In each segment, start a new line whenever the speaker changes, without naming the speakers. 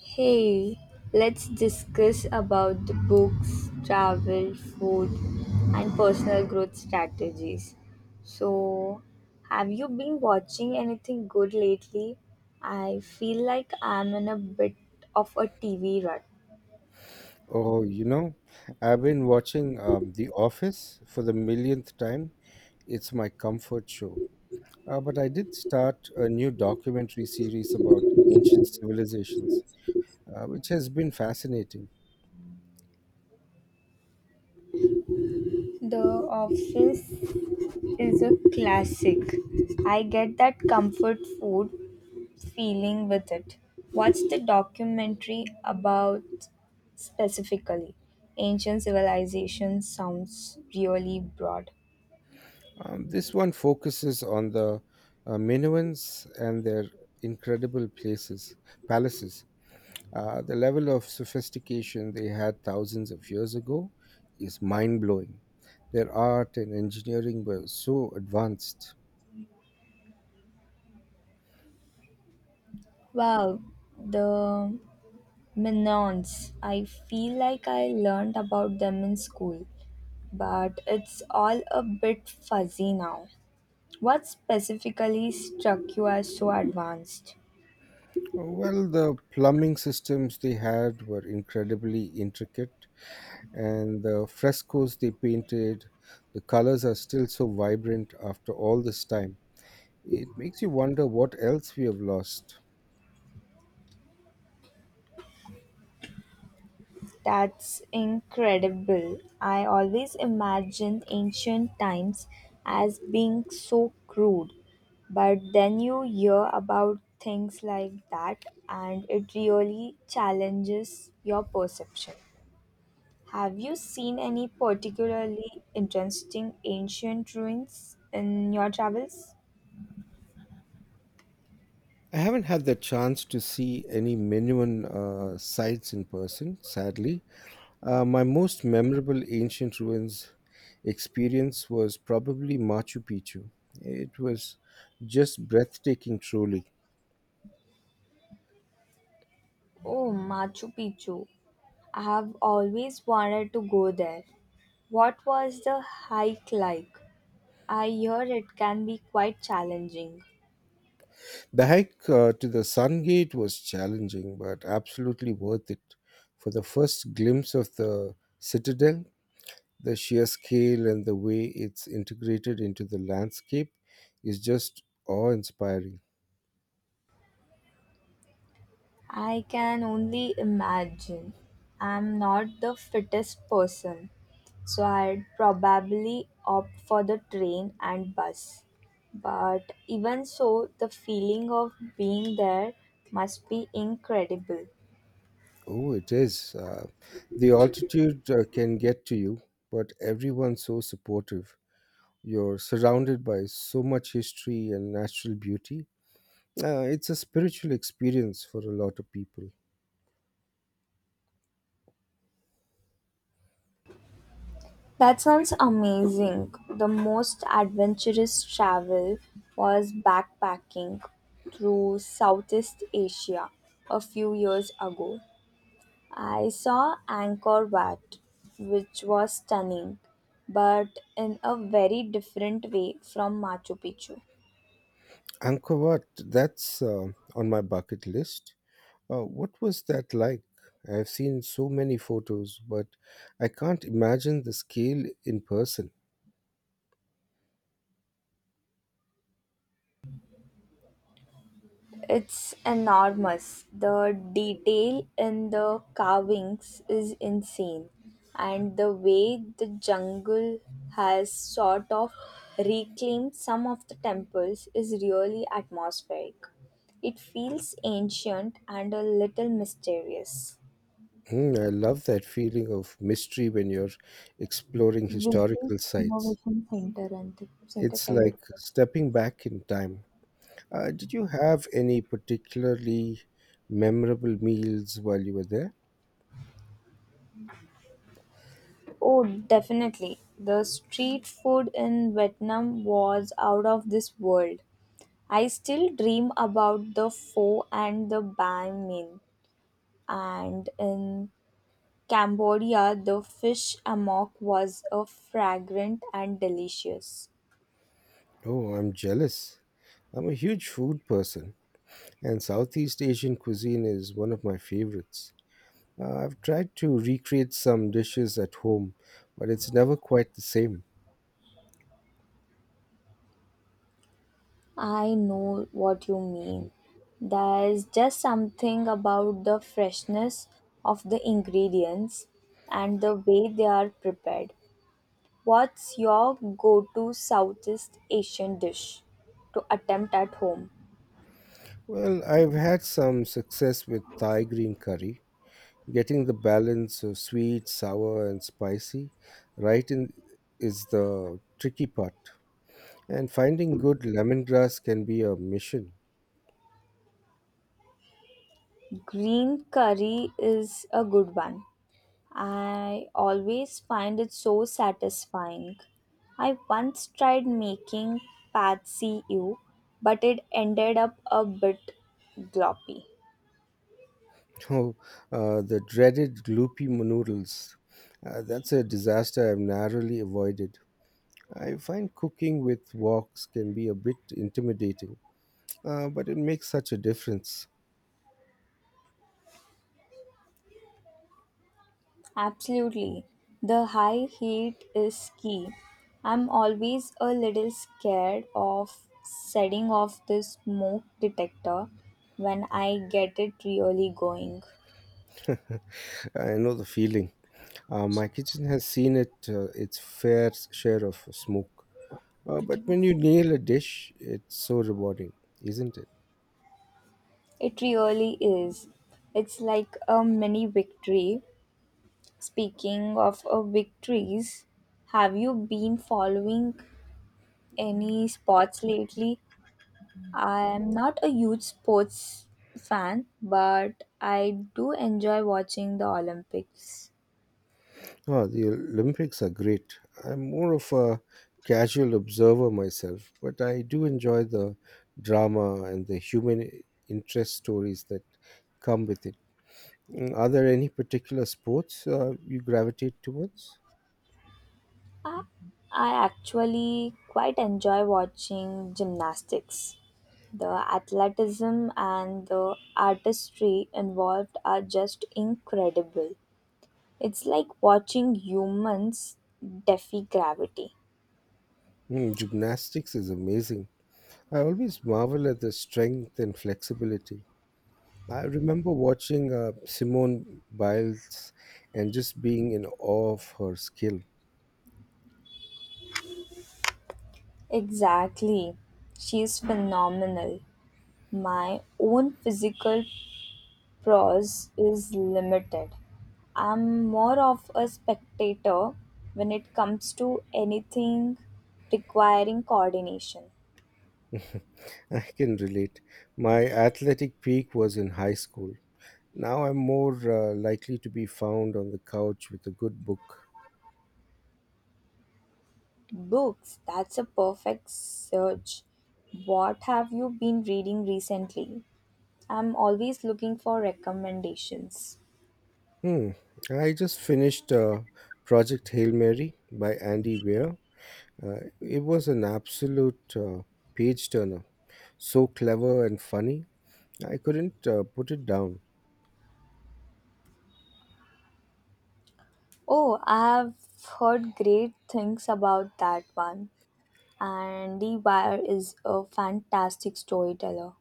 Hey, let's discuss about the books, travel, food, and personal growth strategies. So, have you been watching anything good lately? I feel like I'm in a bit of a TV rut.
Oh, you know, I've been watching The Office for the millionth time. It's my comfort show. But I did start a new documentary series about ancient civilizations, which has been fascinating.
The Office is a classic. I get that comfort food feeling with it. What's the documentary about specifically? Ancient civilization sounds really broad.
This one focuses on the Minoans and their incredible places, palaces. The level of sophistication they had thousands of years ago is mind blowing. Their art and engineering were so advanced.
Wow, the Minoans. I feel like I learned about them in school, but it's all a bit fuzzy now. What specifically struck you as so advanced?
Well, the plumbing systems they had were incredibly intricate, and the frescoes they painted, the colors are still so vibrant after all this time. It makes you wonder what else we have lost.
That's incredible. I always imagined ancient times as being so crude, but then you hear about things like that and it really challenges your perception. Have you seen any particularly interesting ancient ruins in your travels?
I haven't had the chance to see any Minuan sites in person, sadly. My most memorable ancient ruins experience was probably Machu Picchu. It was just breathtaking, truly.
Oh, Machu Picchu. I have always wanted to go there. What was the hike like? I hear it can be quite challenging.
The hike to the Sun Gate was challenging, but absolutely worth it. For the first glimpse of the citadel, the sheer scale and the way it's integrated into the landscape is just awe inspiring.
I can only imagine. I'm not the fittest person, so I'd probably opt for the train and bus. But even so, the feeling of being there must be incredible.
Oh, it is. The altitude can get to you, but everyone's so supportive. You're surrounded by so much history and natural beauty. It's a spiritual experience for a lot of people.
That sounds amazing. The most adventurous travel was backpacking through Southeast Asia a few years ago. I saw Angkor Wat, which was stunning, but in a very different way from Machu Picchu.
Angkor Wat, that's on my bucket list. What was that like? I've seen so many photos, but I can't imagine the scale in person.
It's enormous. The detail in the carvings is insane, and the way the jungle has sort of reclaimed some of the temples is really atmospheric. It feels ancient and a little mysterious.
I love that feeling of mystery when you're exploring
Visit
historical sites.
Innovation Center and the Center
It's
Private.
like stepping back in time. Did you have any particularly memorable meals while you were there?
Oh, definitely. The street food in Vietnam was out of this world. I still dream about the pho and the banh mi. And in Cambodia, the fish amok was a fragrant and delicious.
Oh, I'm jealous. I'm a huge food person. And Southeast Asian cuisine is one of my favorites. I've tried to recreate some dishes at home, but it's never quite the same.
I know what you mean. There's just something about the freshness of the ingredients and the way they are prepared. What's your go to Southeast Asian dish to attempt at home?
Well, I've had some success with Thai green curry, getting the balance of sweet, sour, and spicy right in is the tricky part. And finding good lemongrass can be a mission.
Green curry is a good one. I always find it so satisfying. I once tried making patsy ew, but it ended up a bit gloppy.
Oh, the dreaded gloopy noodles. That's a disaster I've narrowly avoided. I find cooking with woks can be a bit intimidating, but it makes such a difference.
Absolutely. The high heat is key. I'm always a little scared of setting off the smoke detector when I get it really going.
I know the feeling. My kitchen has seen it its fair share of smoke, but
Vitamin.
when you nail a dish, it's so rewarding, isn't it?
It really is. It's like a mini victory. Speaking of victories, have you been following any sports lately? I am not a huge sports fan, but I do enjoy watching the Olympics.
Oh, the Olympics are great. I'm more of a casual observer myself, but I do enjoy the drama and the human interest stories that come with it. Mm, are there any particular sports you gravitate towards?
I, I actually quite enjoy watching gymnastics. The athleticism and the artistry involved are just incredible. It's like watching humans defy gravity.
Gymnastics is amazing. I always marvel at the strength and flexibility. I remember watching Simone Biles and just being in awe of her skill.
Exactly. She is phenomenal. My own physical prose is limited. I'm more of a spectator when it comes to anything requiring coordination.
I can relate. My athletic peak was in high school. Now I'm more likely to be found on the couch with a good book.
Books, that's a perfect search. What have you been reading recently? I'm always looking for recommendations.
Hmm. I just finished Project Hail Mary by Andy Weir. It was an absolute page turner. So clever and funny. I couldn't put it down.
Oh, I have heard great things about that one. Andy Weir is a fantastic storyteller.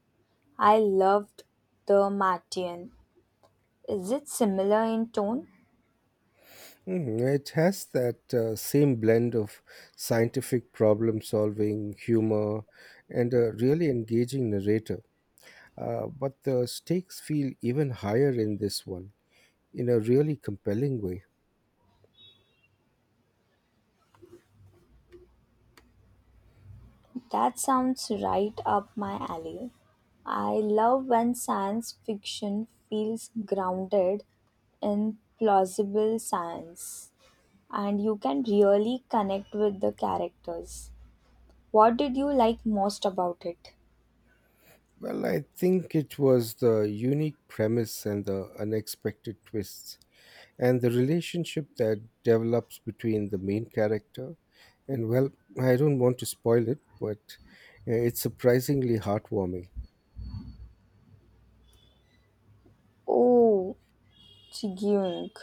I loved The Martian. Is it similar in tone?
Mhm. It has that same blend of scientific problem solving, humor, and a really engaging narrator. But the stakes feel even higher in this one, in a really compelling way.
That sounds right up my alley. I love when science fiction feels grounded in plausible science and you can really connect with the characters. What did you like most about it?
Well, I think it was the unique premise and the unexpected twists and the relationship that develops between the main character and, well, I don't want to spoil it, but it's surprisingly heartwarming.
Oh, Chigiyunk.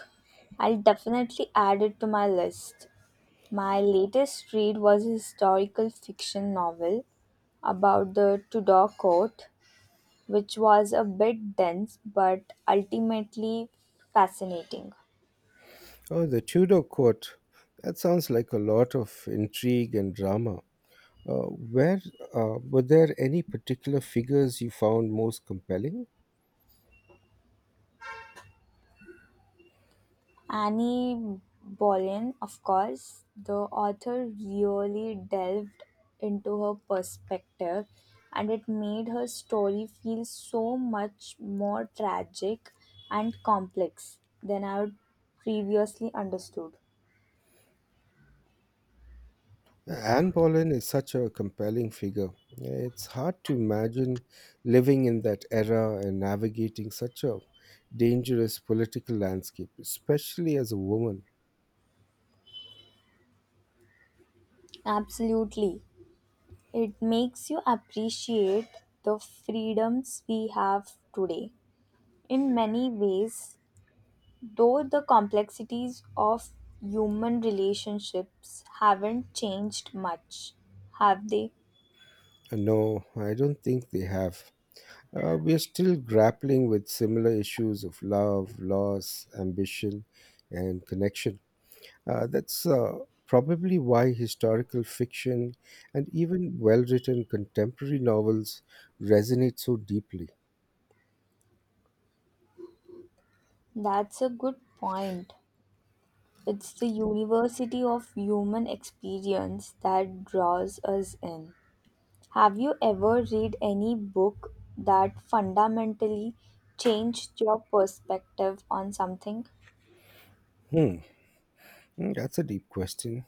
I'll definitely add it to my list. My latest read was a historical fiction novel about the Tudor court, which was a bit dense but ultimately fascinating.
Oh, the tudor court, that sounds like a lot of intrigue and drama. Uh, where Were there any particular figures you found most compelling?
Annie Boleyn, of course, the author really delved into her perspective and it made her story feel so much more tragic and complex than I had previously understood.
Anne Boleyn is such a compelling figure. It's hard to imagine living in that era and navigating such a dangerous political landscape, especially as a woman.
Absolutely. It makes you appreciate the freedoms we have today. In many ways, though the complexities of human relationships haven't changed much, have they?
No, I don't think they have. We are still grappling with similar issues of love, loss, ambition, and connection. That's Probably why historical fiction and even well written contemporary novels resonate so deeply.
That's a good point. It's the university of human experience that draws us in. Have you ever read any book that fundamentally changed your perspective on something?
Hmm. Mm, that's a deep question.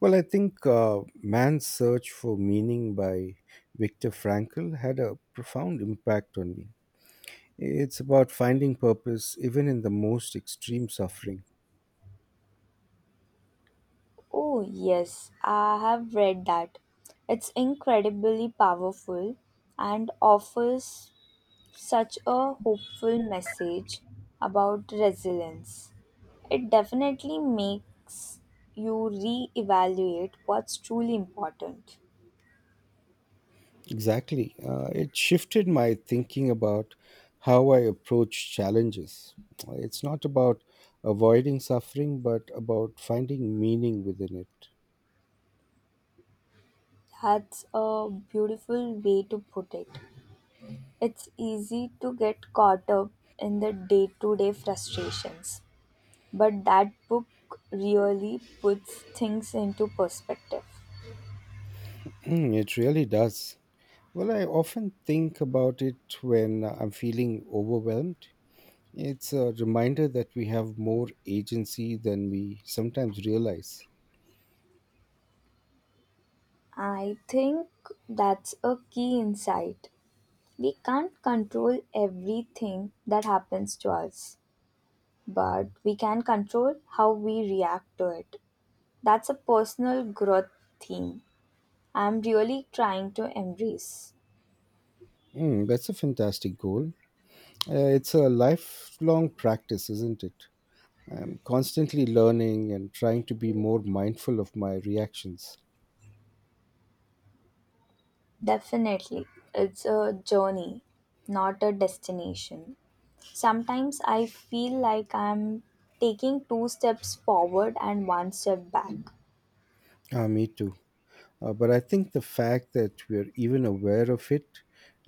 Well, I think Man's Search for Meaning by Viktor Frankl had a profound impact on me. It's about finding purpose even in the most extreme suffering.
Oh, yes, I have read that. It's incredibly powerful and offers such a hopeful message about resilience. It definitely makes you re evaluate what's truly important.
Exactly. It shifted my thinking about how I approach challenges. It's not about avoiding suffering, but about finding meaning within it.
That's a beautiful way to put it. It's easy to get caught up in the day to day frustrations, but that book really puts things into perspective.
Mm, it really does. Well, I often think about it when I'm feeling overwhelmed. It's a reminder that we have more agency than we sometimes realize.
I think that's a key insight. We can't control everything that happens to us, but we can control how we react to it. That's a personal growth theme I'm really trying to embrace.
Mm, that's a fantastic goal. It's a lifelong practice, isn't it? I'm constantly learning and trying to be more mindful of my reactions.
Definitely, it's a journey, not a destination. Sometimes I feel like I'm taking two steps forward and one step back.
Ah, me too. But I think the fact that we're even aware of it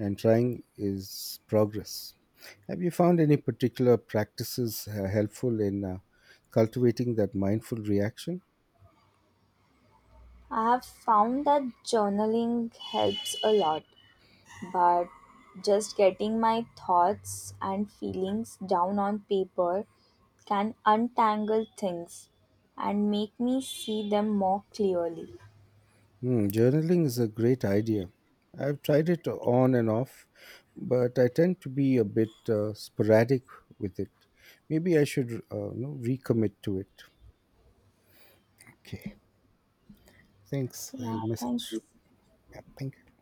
and trying is progress. Have you found any particular practices helpful in cultivating that mindful reaction?
I have found that journaling helps a lot, but just getting my thoughts and feelings down on paper can untangle things and make me see them more clearly.
Hmm, journaling is a great idea. I've tried it on and off, but I tend to be a bit sporadic with it. Maybe I should recommit to it. Okay, thanks.
Yeah,
I'll
thanks.
message. Yeah, thank you.